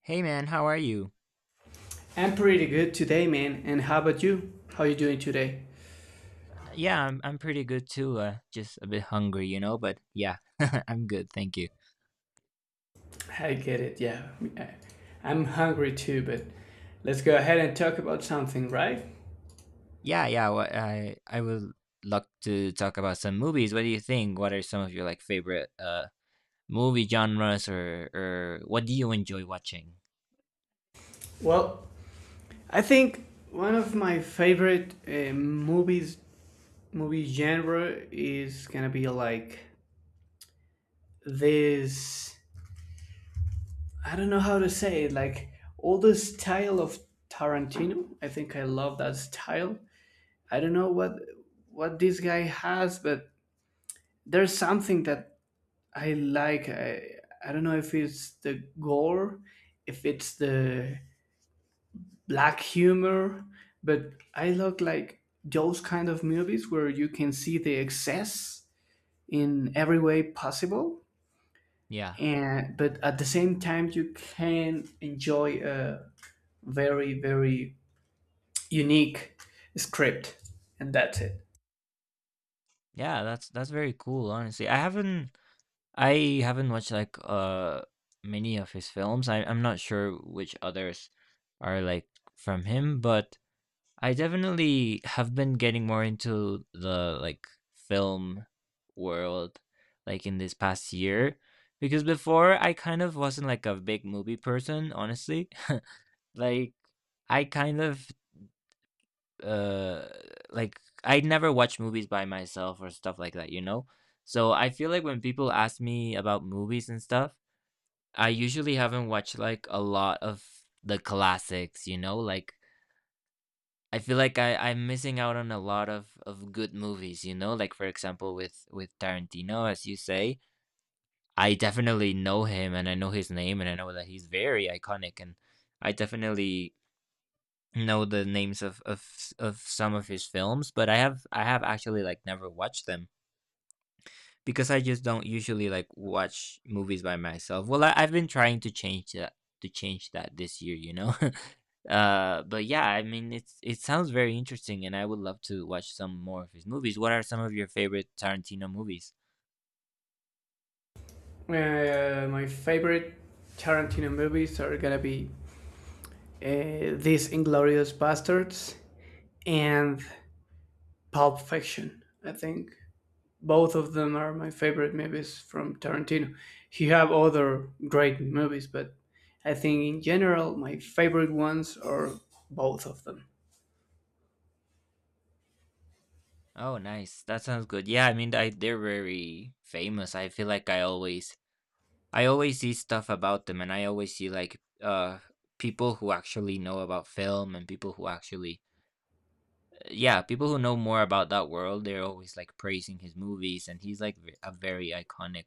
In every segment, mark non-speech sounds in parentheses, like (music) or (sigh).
Hey man, how are you? I'm pretty good today, man. And how about you? How you doing today? Yeah, I'm pretty good too. Just a bit hungry, you know, but yeah, (laughs) I'm good, thank you. I get it. Yeah, I- I'm hungry too. But let's go ahead and talk about something, right? Yeah, yeah, I would love to talk about some movies. What do you think? What are some of your like favorite movie genres or what do you enjoy watching? Well, I think one of my favorite movie genre is gonna be like this. I don't know how to say it. Like all the style of Tarantino. I think I love that style. I don't know what this guy has, but there's something that I like I don't know if it's the gore, if it's the black humor, but I look like those kind of movies where you can see the excess in every way possible Yeah. and but at the same time you can enjoy a very very unique script and that's it. Yeah, that's very cool, honestly. I haven't watched like many of his films. I'm not sure which others are like from him, but I definitely have been getting more into the like film world like in this past year because before I kind of wasn't like a big movie person, honestly. (laughs) Like I kind of uh like I never watch movies by myself or stuff like that, you know? So I feel like when people ask me about movies and stuff, I usually haven't watched like a lot of the classics, you know, like I feel like I'm missing out on a lot of good movies, you know? Like for example with Tarantino, as you say, I definitely know him and I know his name and I know that he's very iconic and I definitely know the names of some of his films, but I have actually like never watched them because I just don't usually like watch movies by myself. Well, I've been trying to change that this year, you know. (laughs) But yeah, I mean, it sounds very interesting, and I would love to watch some more of his movies. What are some of your favorite Tarantino movies? My favorite Tarantino movies are gonna be these Inglorious Bastards and Pulp Fiction, I think. Both of them are my favorite movies from Tarantino. He have other great movies, but I think in general my favorite ones are both of them. Oh, nice. That sounds good. Yeah, I mean, they're very famous. I feel like I always see stuff about them, and I always see like people who actually know about film and people who actually yeah, people who know more about that world, they're always like praising his movies, and he's like a very iconic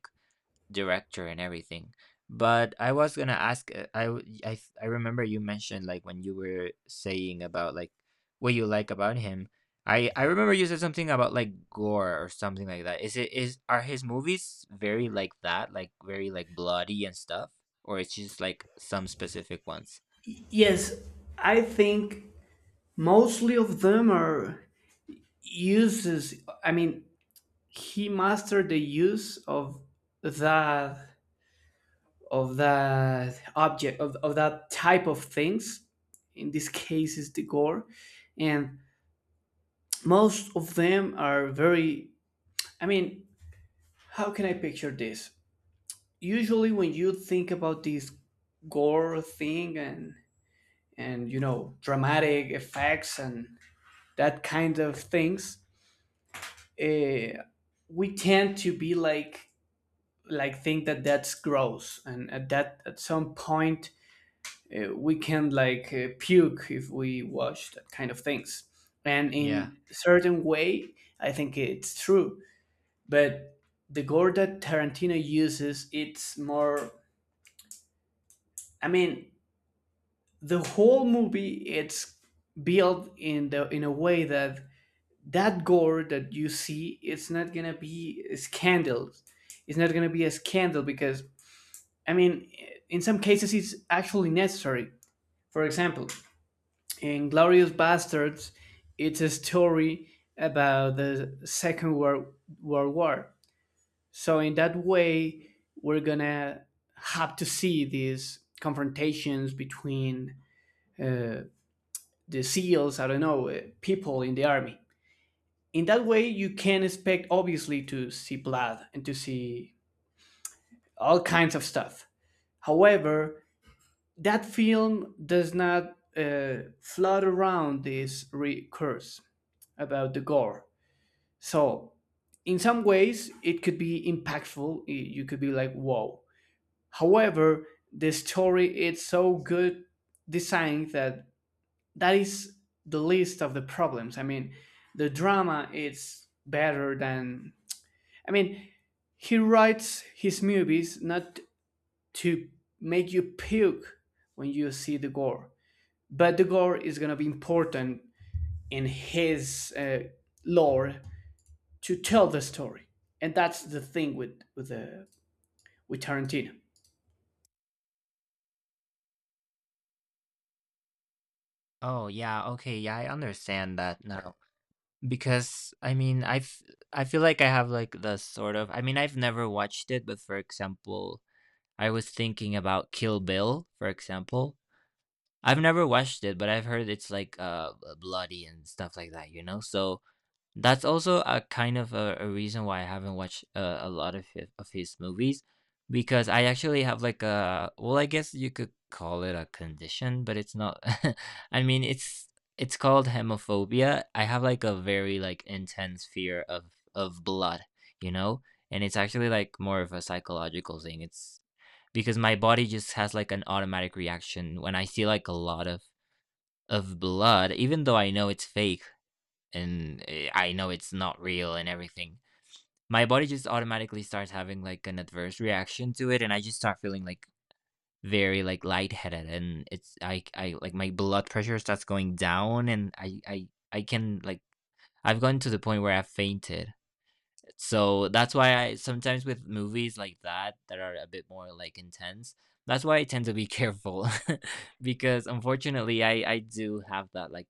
director and everything. But I was gonna ask, I w- I th- I remember you mentioned like when you were saying about like what you like about him. I remember you said something about like gore or something like that. Is it is Are his movies very like that, like very like bloody and stuff, or it's just like some specific ones? Yes, I think mostly of them are uses. I mean, he mastered the use of that object of that type of things. In this case, is the gore, and most of them are very, i mean how can I picture this? Usually when you think about this gore thing and dramatic effects and that kind of things, eh, we tend to be like think that that's gross and at that at some point we can puke if we watch that kind of things, and Yeah. in certain way I think it's true. But the gore that Tarantino uses, it's more. I mean, the whole movie it's built in the in a way that gore that you see, it's not gonna be a scandal. It's not gonna be a scandal because, I mean, in some cases, it's actually necessary. For example, in Glorious Bastards, it's a story about the Second World War. So in that way, we're gonna have to see these confrontations between uh, the SEALs, I don't know, people in the army. In that way, you can expect obviously to see blood and to see all kinds of stuff. However, that film does not flood around this about the gore. So, in some ways, it could be impactful. You could be like, "Whoa!" However, the story is so good designed that that is the least of the problems. I mean, the drama is better than, I mean, he writes his movies not to make you puke when you see the gore, but the gore is gonna be important in his lore to tell the story, and that's the thing with with Tarantino. Oh yeah. Okay. Yeah, I understand that now. Because I mean, I've I feel like I have like the sort of I mean, I've never watched it, but for example, I was thinking about Kill Bill, for example. I've never watched it, but I've heard it's like bloody and stuff like that, you know? So that's also a kind of a reason why I haven't watched a lot of of his movies because I actually have like a well, I guess you could call it a condition, but it's not. (laughs) I mean, it's called hemophobia. I have like a very like intense fear of blood, you know, and it's actually like more of a psychological thing. It's because my body just has like an automatic reaction when I see like a lot of blood, even though I know it's fake and I know it's not real and everything, my body just automatically starts having like an adverse reaction to it, and I just start feeling like very like lightheaded, and it's I like my blood pressure starts going down, and I can like I've gotten to the point where I've fainted. So that's why I sometimes with movies like that that are a bit more like intense. That's why I tend to be careful (laughs) because unfortunately I do have that like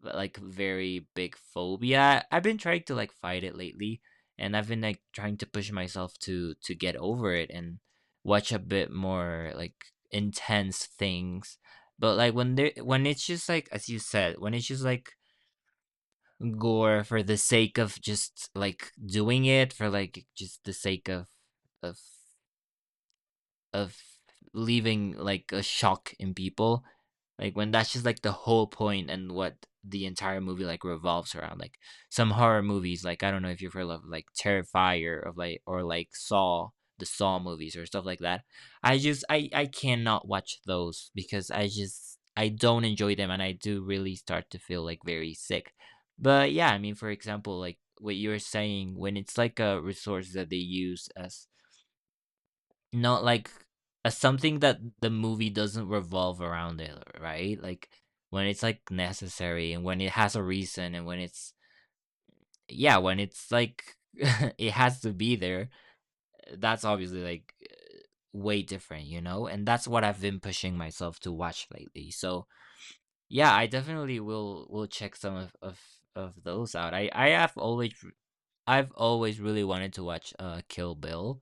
like very big phobia. I've been trying to like fight it lately, and I've been like trying to push myself to get over it and watch a bit more like intense things. But like when there when it's just like as you said, when it's just like gore for the sake of just like doing it for like just the sake of of leaving like a shock in people like when that's just like the whole point and what the entire movie like revolves around, like some horror movies. Like I don't know if you've heard of like Terrifier of like, or like Saw, the Saw movies or stuff like that. I just I cannot watch those because I just I don't enjoy them and I do really start to feel like very sick. But yeah, I mean for example like what you were saying when it's like a resource that they use as not like a something that the movie doesn't revolve around it, right? Like when it's like necessary and when it has a reason and when it's yeah, when it's like (laughs) it has to be there, that's obviously like way different, you know? And that's what I've been pushing myself to watch lately. So, yeah, I definitely will check some of those out. I have always I've always really wanted to watch Kill Bill.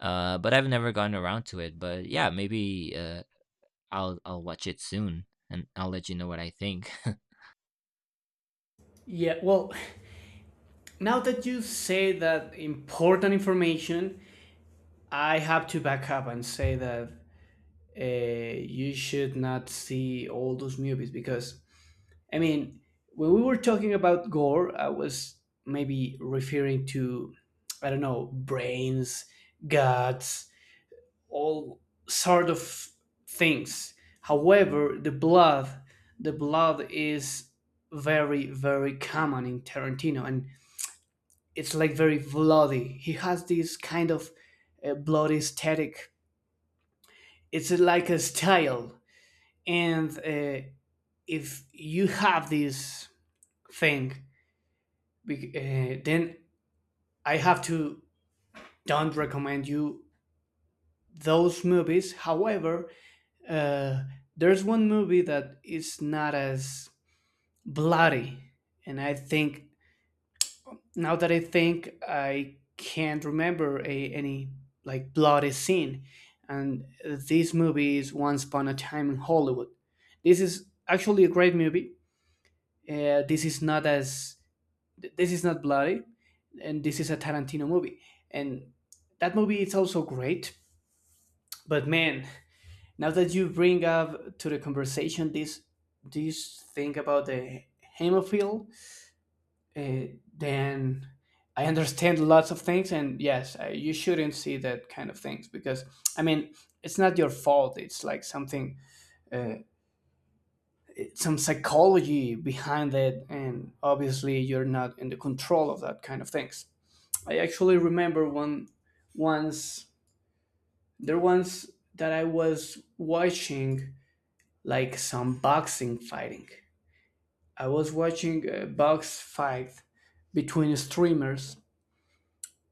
But I've never gotten around to it. But yeah, maybe I'll watch it soon and I'll let you know what I think. (laughs) Yeah, well, now that you say that important information, I have to back up and say that you should not see all those movies because, I mean, when we were talking about gore, I was maybe referring to, I don't know, brains, guts, all sort of things. However, the blood, is very, very common in Tarantino, and it's like very bloody. He has this kind of bloody aesthetic. It's like a style, and if you have this thing, then I have to don't recommend you those movies. However, uh, there's one movie that is not as bloody, and I think now that I think, I can't remember any like bloody scene. And this movie is Once Upon a Time in Hollywood. This is actually a great movie. This is not as this is not bloody, and this is a Tarantino movie. And that movie is also great. But man, now that you bring up to the conversation this thing about the hemophile, uh, then I understand lots of things, and yes, you shouldn't see that kind of things because, I mean, it's not your fault. It's like something, uh, some psychology behind it, and obviously you're not in the control of that kind of things. I actually remember one once there once that I was watching like some boxing fighting. I was watching a box fight between streamers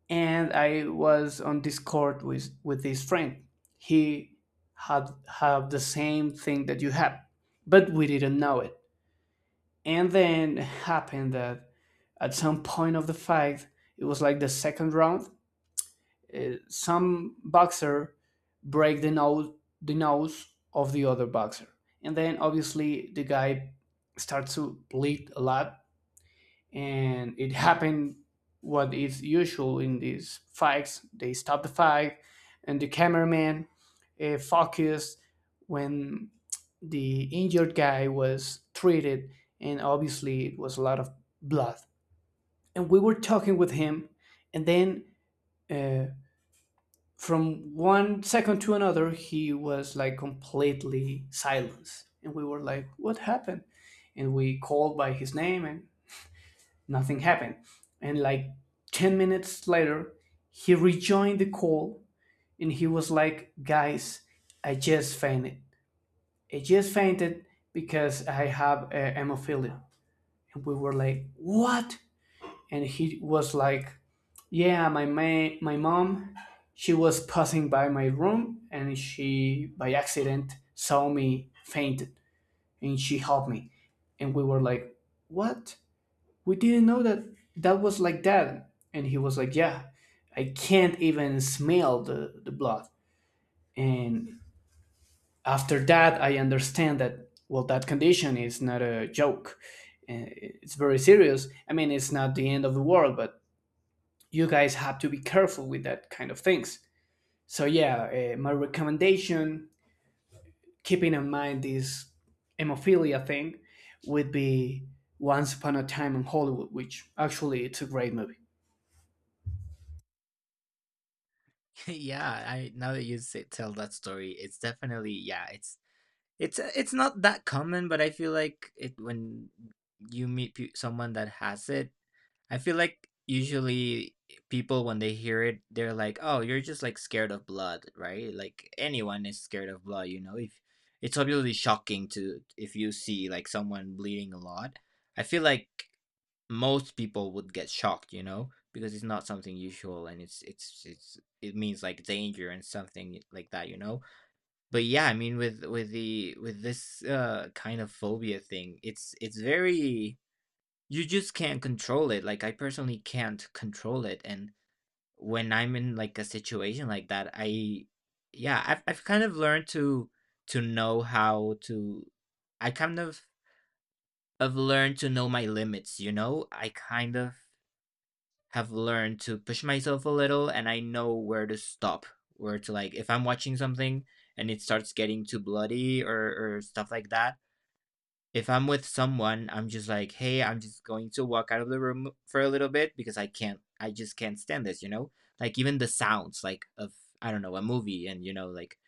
and I was on Discord with this friend. He had had the same thing that you had, but we didn't know it. And then happened that at some point of the fight, it was like the second round. Some boxer break the nose of the other boxer, and then obviously the guy starts to bleed a lot, and it happened what is usual in these fights, they stop the fight, and the cameraman focused when the injured guy was treated, and obviously it was a lot of blood. And we were talking with him, and then, uh, from one second to another he was like completely silenced, and we were like, what happened? And we called by his name, and nothing happened. And like 10 minutes later, he rejoined the call, and he was like, "Guys, I just fainted. I just fainted because I have hemophilia." And we were like, "What?" And he was like, "Yeah, my mom, she was passing by my room, and she, by accident, saw me fainted, and she helped me." And we were like, "What?" We didn't know that was like that, and he was like, "Yeah, I can't even smell the blood." And after that I understand that, well, that condition is not a joke. Uh, it's very serious. I mean, it's not the end of the world, but you guys have to be careful with that kind of things. So yeah, my recommendation, keeping in mind this hemophilia thing, would be Once Upon a Time in Hollywood, which actually it's a great movie. (laughs) Yeah, I now that you say, tell that story, it's definitely yeah, it's it's not that common, but I feel like it when you meet someone that has it, I feel like usually people when they hear it, they're like, "Oh, you're just like scared of blood, right?" Like anyone is scared of blood, you know. If it's obviously shocking to if you see like someone bleeding a lot. I feel like most people would get shocked, you know, because it's not something usual and it's it means like danger and something like that, you know. But yeah, I mean with the with this kind of phobia thing, it's very you just can't control it. Like I personally can't control it. And when I'm in like a situation like that, I yeah, I've kind of learned to know how to I kind of have learned to know my limits, you know? I kind of have learned to push myself a little and I know where to stop. Where to like if I'm watching something and it starts getting too bloody or stuff like that, if I'm with someone, I'm just like, "Hey, I'm just going to walk out of the room for a little bit because I just can't stand this," you know? Like even the sounds like of I don't know, a movie and you know like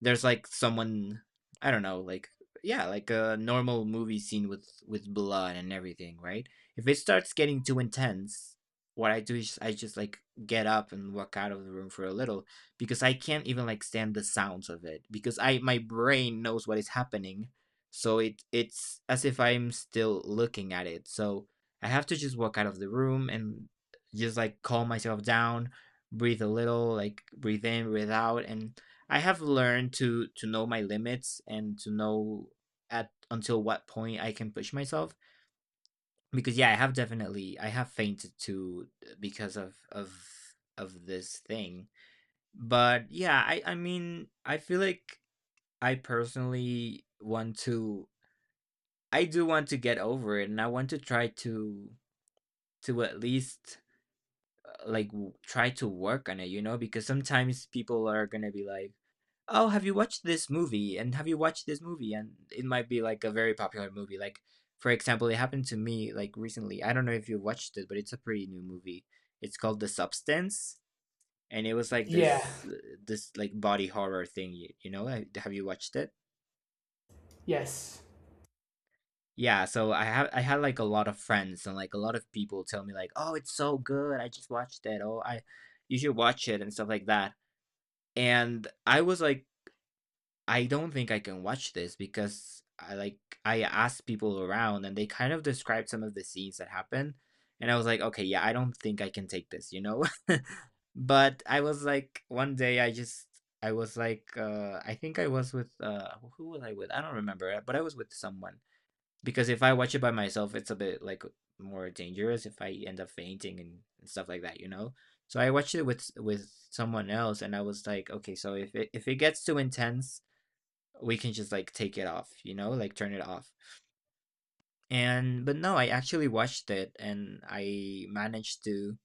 there's like someone I don't know, like yeah, like a normal movie scene with blood and everything, right? If it starts getting too intense, what I do is I just like get up and walk out of the room for a little because I can't even like stand the sounds of it because I my brain knows what is happening so it's as if I'm still looking at it. So I have to just walk out of the room and just like calm myself down, breathe a little, like breathe in, breathe out, and I have learned to know my limits and to know at until what point I can push myself. Because yeah, I have fainted too because of this thing. But yeah, I mean I feel like I personally want to I do want to get over it, and I want to try to at least try to work on it, you know, because sometimes people are gonna be like, "Oh, have you watched this movie?" and "Have you watched this movie?" and it might be like a very popular movie. Like, for example, it happened to me like recently. I don't know if you watched it, but it's a pretty new movie. It's called The Substance, and it was like Yeah. this this like body horror thing, you know? Have you watched it? Yes. Yeah, so I had like a lot of friends and like a lot of people tell me like, "Oh, it's so good. I just watched it. Oh, I you should watch it and stuff like that." And I was like, "I don't think I can watch this because I like I asked people around and they kind of described some of the scenes that happened." And I was like, "Okay, yeah, I don't think I can take this, you know?" (laughs) But I was like one day I just I was like I think I was with who was I with? I don't remember, but I was with someone because if I watch it by myself, it's a bit like more dangerous if I end up fainting and stuff like that, you know. So I watched it with someone else, and I was like, okay, so if it gets too intense, we can just like take it off, you know, like turn it off. And but no, I actually watched it, and I managed to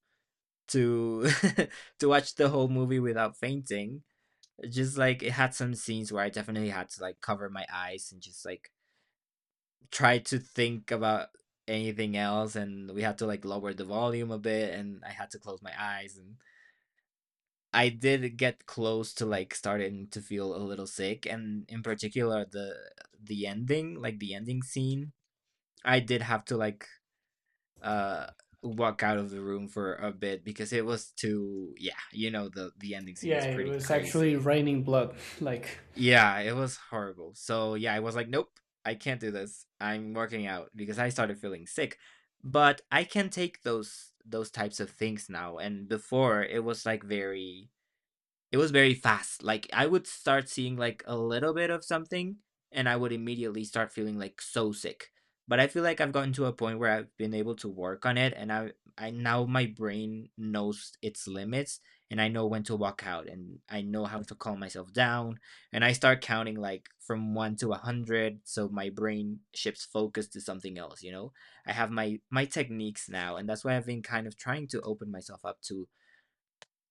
to (laughs) to watch the whole movie without fainting. Just like it had some scenes where I definitely had to like cover my eyes and just like try to think about anything else, and we had to like lower the volume a bit, and I had to close my eyes. And I did get close to like starting to feel a little sick, and in particular the ending, like the ending scene, I did have to like uh walk out of the room for a bit because it was too, yeah, you know, the ending scene Yeah, is it pretty was actually crazy. raining blood. (laughs) Like, Yeah, it was horrible. So yeah, I was like, nope, I can't do this. I'm working out because I started feeling sick. But I can take those types of things now. And before it was like very it was very fast. Like I would start seeing like a little bit of something, and I would immediately start feeling like so sick. But I feel like I've gotten to a point where I've been able to work on it, and I now, my brain knows its limits, and I know when to walk out, and I know how to calm myself down, and I start counting like from 1 to a 100 so my brain shifts focus to something else, you know? I have my techniques now, and that's why I've been kind of trying to open myself up to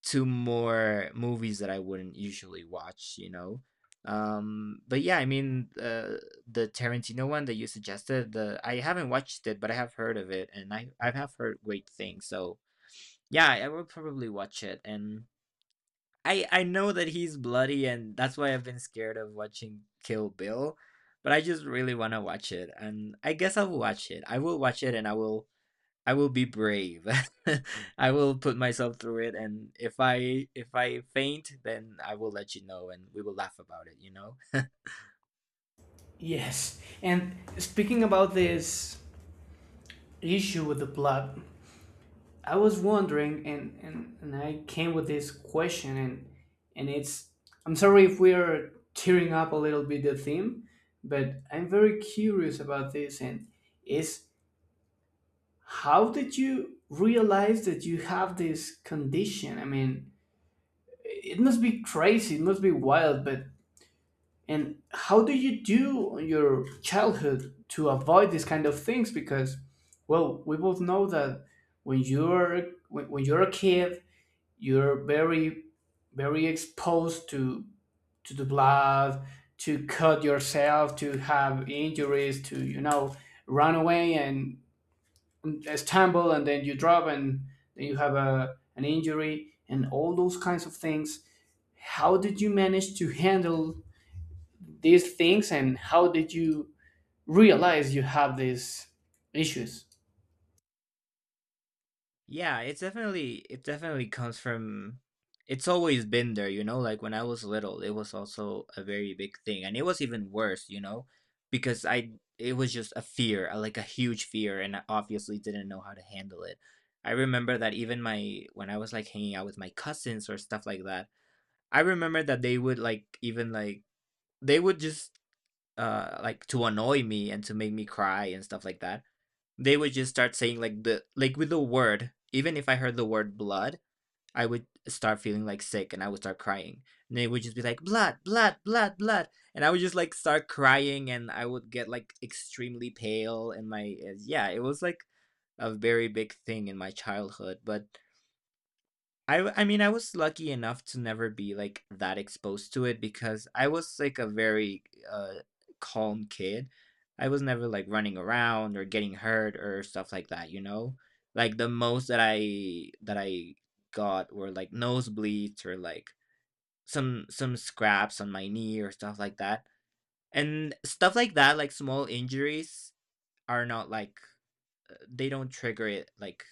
more movies that I wouldn't usually watch, you know. But yeah, I mean, The Tarantino one that you suggested, the I haven't watched it, but I have heard of it, and I have heard great things. So yeah, I will probably watch it, and I know that he's bloody, and that's why I've been scared of watching Kill Bill, but I just really want to watch it, and I guess I'll watch it. I will watch it, and I will be brave. (laughs) I will put myself through it, and if I faint, then I will let you know, and we will laugh about it. You know? yes. And speaking about this issue with the blood, I was wondering, and I came with this question, and it's, I'm sorry if we are tearing up a little bit the theme, but I'm very curious about this, and is, how did you realize that you have this condition? I mean, it must be crazy, it must be wild, but and how do you do your childhood to avoid these kind of things? Because, well, we both know that when you're a kid, you're very very exposed to the blood, to cut yourself, to have injuries, to run away and stumble, and then you drop, and then you have a an injury, and all those kinds of things. How did you manage to handle these things, and how did you realize you have these issues? Yeah, it's definitely it definitely comes from. It's always been there, you know. Like when I was little, it was also a very big thing, and it was even worse, you know, because I it was just a fear, like a huge fear, and I obviously didn't know how to handle it. I remember that even my, when I was like hanging out with my cousins or stuff like that. I remember that they would like even like they would just like to annoy me and to make me cry and stuff like that. They would just start saying like the, like with the word, even if I heard the word blood, I would start feeling like sick, and I would start crying. And they would just be like blood, blood, blood, blood, and I would just like start crying, and I would get like extremely pale, and my yeah, it was like a very big thing in my childhood, but I mean, I was lucky enough to never be like that exposed to it because I was like a very uh calm kid. I was never like running around or getting hurt or stuff like that, you know? Like the most that I got were like nosebleeds or like some scraps on my knee or stuff like that. And stuff like that, like small injuries are not like they don't trigger it like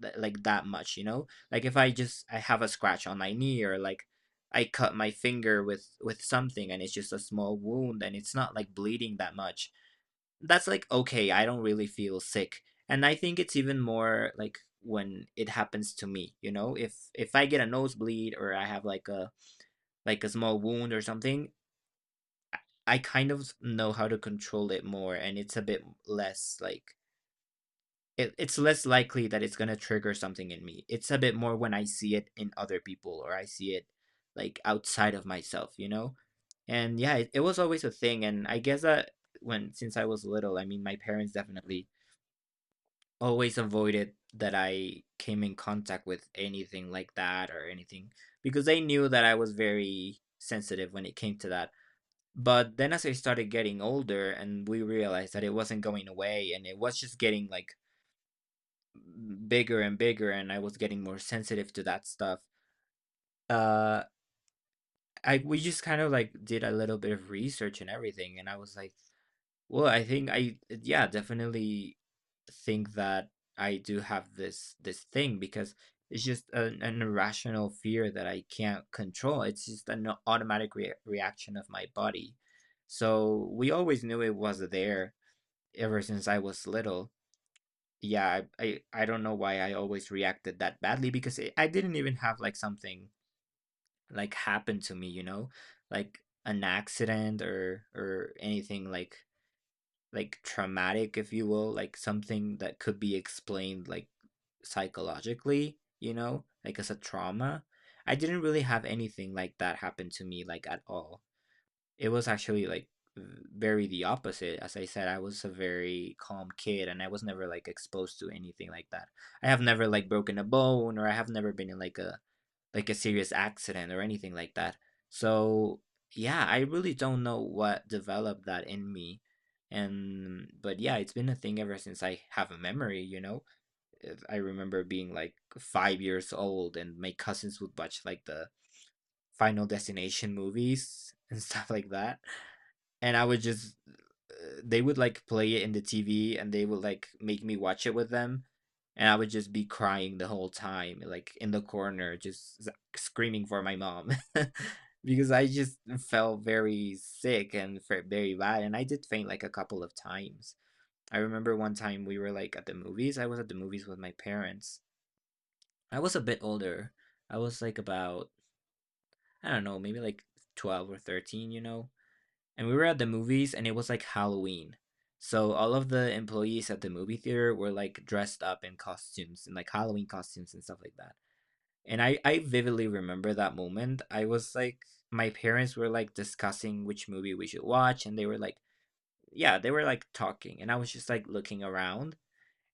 like that much, you know, like if I have a scratch on my knee, or like I cut my finger with something, and it's just a small wound, and it's not like bleeding that much, that's like okay, I don't really feel sick. And I think it's even more like when it happens to me, you know, if I get a nosebleed or I have like a small wound or something, I kind of know how to control it more, and it's a bit less like it's less likely that it's going to trigger something in me. It's a bit more when I see it in other people or I see it like outside of myself, you know? And yeah, it was always a thing. And I guess that since I was little, I mean, my parents definitely always avoided that I came in contact with anything like that or anything because they knew that I was very sensitive when it came to that. But then as I started getting older, and we realized that it wasn't going away, and it was just getting like bigger and bigger, and I was getting more sensitive to that stuff. Uh I We just kind of like did a little bit of research and everything, and I was like, well, I think I yeah, definitely think that I do have this thing because it's just an irrational fear that I can't control. It's just an automatic reaction of my body. So we always knew it was there ever since I was little. Yeah, I, I don't know why I always reacted that badly because I didn't even have like something like happen to me, you know, like an accident or anything like traumatic, if you will, like something that could be explained like psychologically, you know, like as a trauma. I didn't really have anything like that happen to me like at all. It was actually, like, very the opposite. As I said, I was a very calm kid, and I was never, like, exposed to anything like that. I have never, like, broken a bone, or I have never been in, like, a a serious accident or anything like that. So, yeah, I really don't know what developed that in me, and but, yeah, it's been a thing ever since I have a memory, you know? If I remember being, like, 5 years old, and my cousins would watch, like, the Final Destination movies and (laughs) stuff like that, and I would just they would like play it in the TV, and they would like make me watch it with them, and I would just be crying the whole time like in the corner, just screaming for my mom (laughs) because I just felt very sick and very bad, and I did faint like a couple of times. I remember one time we were like at the movies. I was at the movies with my parents. I was a bit older. I was like about I don't know, maybe like 12 or 13, you know, and we were at the movies, and it was like Halloween. So all of the employees at the movie theater were like dressed up in costumes, in like Halloween costumes and stuff like that. And I vividly remember that moment. I was like my parents were like discussing which movie we should watch, and they were like yeah, they were like talking, and I was just like looking around.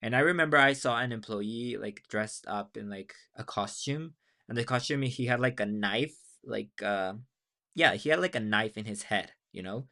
And I remember I saw an employee like dressed up in like a costume, and the costume he had like a knife, like yeah, he had, like, a knife in his head, you know?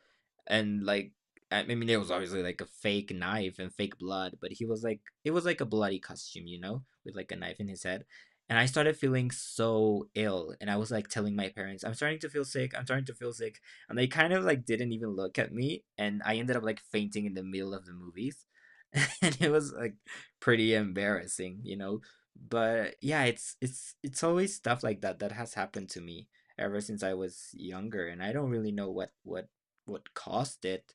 And, like, I mean, it was obviously, like, a fake knife and fake blood, but he was like it was like a bloody costume, you know, with, like, a knife in his head, and I started feeling so ill, and I was, like, telling my parents, "I'm starting to feel sick, I'm starting to feel sick," and they kind of, like, didn't even look at me, and I ended up, like, fainting in the middle of the movies, (laughs) and it was, like, pretty embarrassing, you know? But, yeah, it's always stuff like that that has happened to me, ever since I was younger, and I don't really know what what caused it,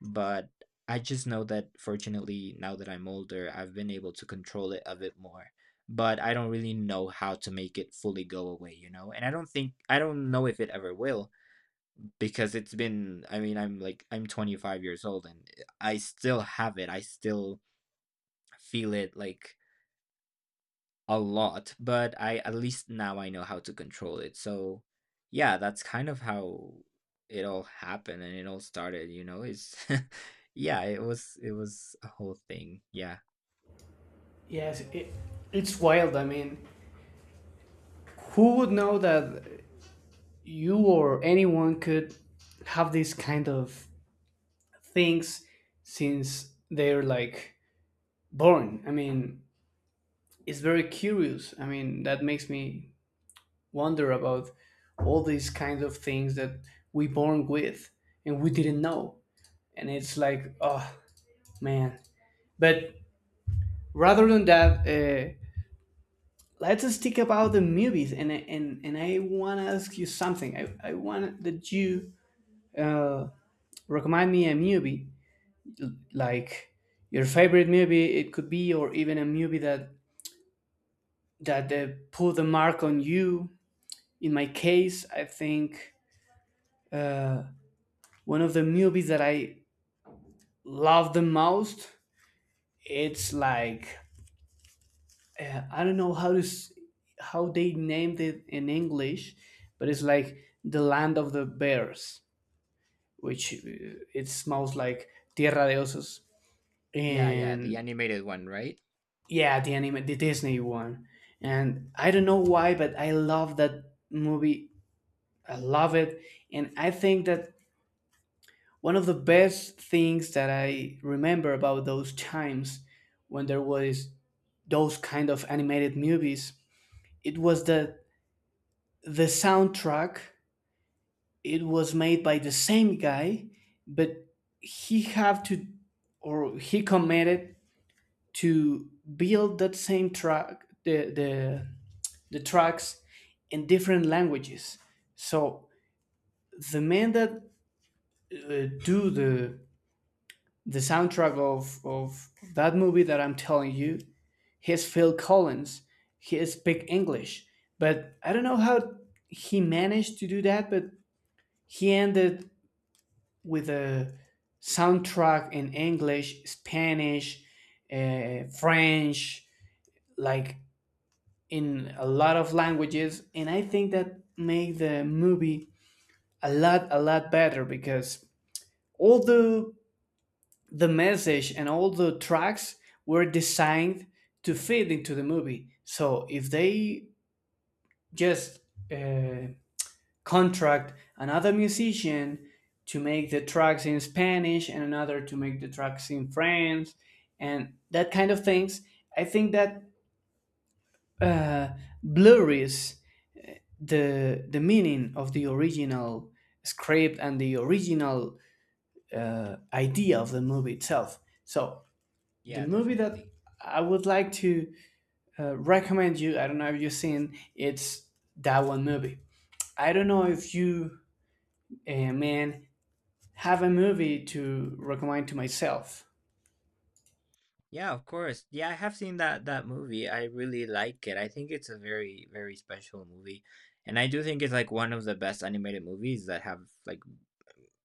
but I just know that fortunately now that I'm older, I've been able to control it a bit more. But I don't really know how to make it fully go away, you know? And I don't think I don't know if it ever will because it's been, I mean, I'm 25 years old, and I still have it. I still feel it like a lot, but I at least now I know how to control it. So yeah, that's kind of how it all happened and it all started, you know. It's (laughs) yeah, it was a whole thing. Yeah. Yes It's wild. I mean, who would know that you or anyone could have these kind of things since they're like born? I mean, it's very curious. I mean, that makes me wonder about all these kinds of things that we born with and we didn't know, and it's like, oh man. But rather than that, let's stick about the movies, and I want to ask you something. I want that you uh, recommend me a movie like your favorite movie, it could be, or even a movie that put a mark on you. In my case, I think uh, one of the movies that I love the most, it's like, I don't know how to how they named it in English, but it's like The Land of the Bears, which it smells like Tierra de Osos, Yeah, yeah, the and animated one, right? yeah, the anime, the Disney one. And I don't know why, but I love that movie. I love it, and I think that one of the best things that I remember about those times when there was those kind of animated movies, it was that the soundtrack it was made by the same guy, but he have to or he committed to build that same track, the tracks in different languages. So the men that do the soundtrack of that movie that I'm telling you, he's Phil Collins. He speak English, but I don't know how he managed to do that, but he ended with a soundtrack in English, Spanish, French, like in a lot of languages. And I think that made the movie a lot better because all the message and all the tracks were designed to fit into the movie. So if they just uh, contract another musician to make the tracks in Spanish and another to make the tracks in French and that kind of things, I think that blurries the meaning of the original script and the original idea of the movie itself. So the Yeah, movie that definitely. I would like to recommend you, I don't know if you've seen, it's that one movie. I don't know if you, man, have a movie to recommend to myself. Yeah, of course. Yeah, I have seen that movie. I really like it. I think it's a very special movie. And I do think it's like one of the best animated movies that have like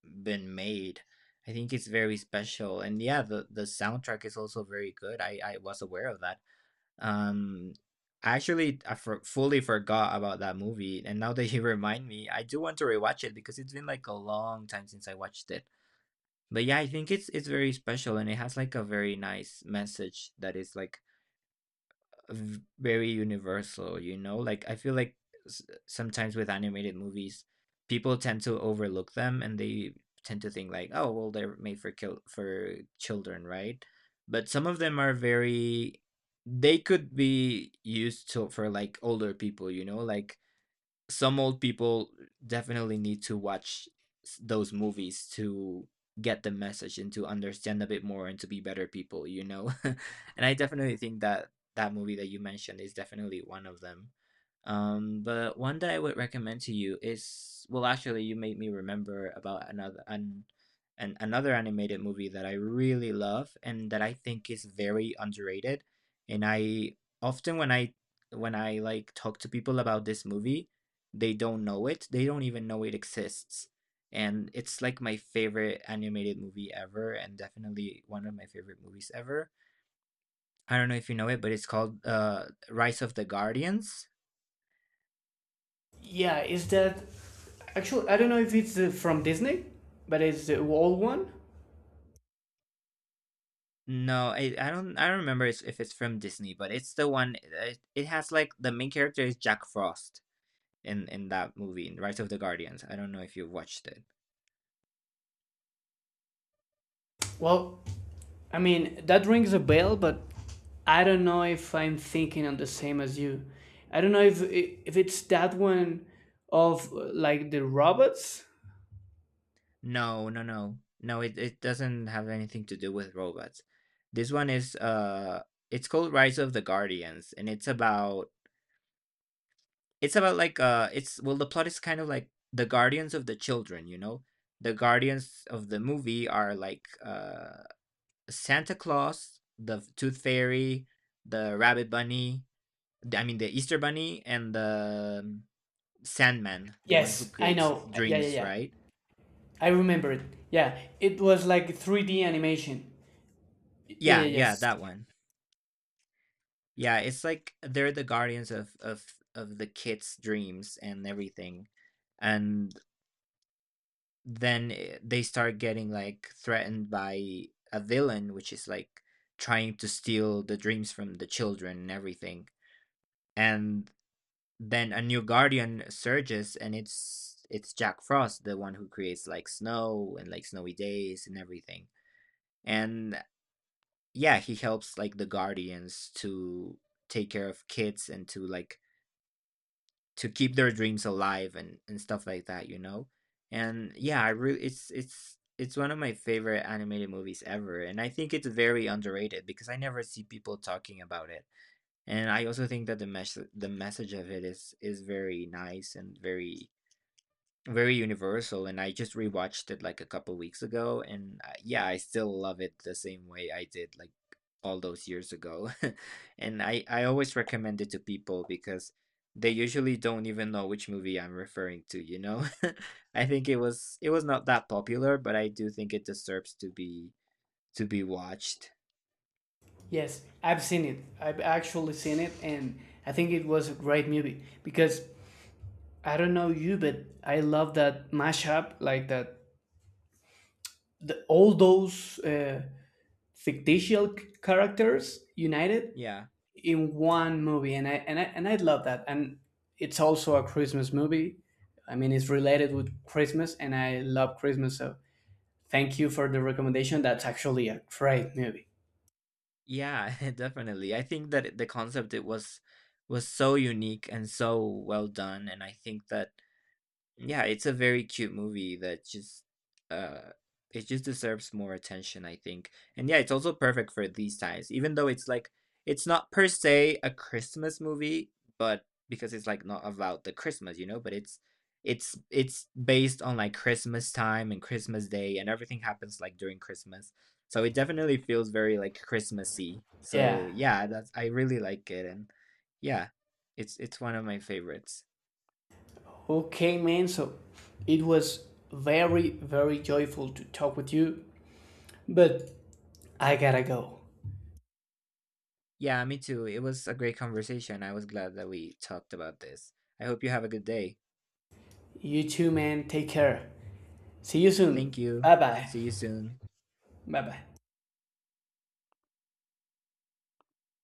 been made. I think it's very special, and yeah, the soundtrack is also very good. I was aware of that. Um, I actually fully forgot about that movie, and now that you (laughs) remind me, I do want to rewatch it because it's been like a long time since I watched it. But yeah, I think it's very special, and it has like a very nice message that is like very universal, you know? Like I feel like s- sometimes with animated movies, people tend to overlook them and they tend to think like, oh, well, they're made for kill for children, right? But some of them are very they could be used to for like older people, you know? Like some old people definitely need to watch those movies to get the message and to understand a bit more and to be better people, you know? (laughs) And I definitely think that that movie that you mentioned is definitely one of them. But one that I would recommend to you is well, actually, you made me remember about another an another animated movie that I really love and that I think is very underrated. And I often when I like talk to people about this movie, they don't know it. They don't even know it exists. And it's like my favorite animated movie ever, and definitely one of my favorite movies ever. I don't know if you know it, but it's called Rise of the Guardians. Yeah, is that actually? I don't know if it's from Disney, but it's the old one. No, I don't remember if it's from Disney, but it's the one it has like the main character is Jack Frost in that movie, in Rise of the Guardians. I don't know if you've watched it. Well, I mean, that rings a bell, but I don't know if I'm thinking on the same as you. I don't know if it's that one of like the robots. No, no, no. No, it doesn't have anything to do with robots. This one is it's called Rise of the Guardians and it's about like it's well the plot is kind of like the guardians of the children, you know? The guardians of the movie are like Santa Claus, the Tooth Fairy, the Rabbit Bunny, I mean the Easter Bunny, and the Sandman, the one who Yes, I creates know. Yeah, yeah, dreams, yeah. right? I remember it. Yeah, it was like 3D animation. Yeah, yeah, Yeah, yeah, yes. that one. Yeah, it's like they're the guardians of the kids' dreams and everything, and then they start getting like threatened by a villain, which is like trying to steal the dreams from the children and everything. And then a new guardian surges and it's Jack Frost, the one who creates like snow and like snowy days and everything. And yeah, he helps like the guardians to take care of kids and to like to keep their dreams alive and stuff like that, you know? And yeah, I really it's one of my favorite animated movies ever and I think it's very underrated because I never see people talking about it, and I also think that the message of it is very nice and very very universal, and I just rewatched it like a couple weeks ago, and yeah, I still love it the same way I did like all those years ago. (laughs) And I always recommend it to people because they usually don't even know which movie I'm referring to, you know. (laughs) I think it was not that popular, but I do think it deserves to be watched. Yes, I've seen it. I've actually seen it, and I think it was a great movie because I don't know you, but I love that mashup, like that. The, all those fictitious characters united Yeah. in one movie, and I love that, and it's also a Christmas movie. I mean, it's related with Christmas and I love Christmas, so thank you for the recommendation. That's actually a great movie. Yeah. (laughs) Definitely, I think that the concept it was so unique and so well done, and I think that yeah, it's a very cute movie that just uh it just deserves more attention, I think. And yeah, it's also perfect for these times, even though it's like it's not per se a Christmas movie, but because it's like not about the Christmas, you know, but it's based on like Christmas time and Christmas Day and everything happens like during Christmas. So it definitely feels very like Christmassy. So Yeah. yeah, that's I really like it. And yeah, it's one of my favorites. Okay man, so it was very very joyful to talk with you, but I gotta go. Yeah, me too. It was a great conversation. I was glad that we talked about this. I hope you have a good day. You too man, take care. See you soon. Thank you. Bye bye. See you soon. Bye bye.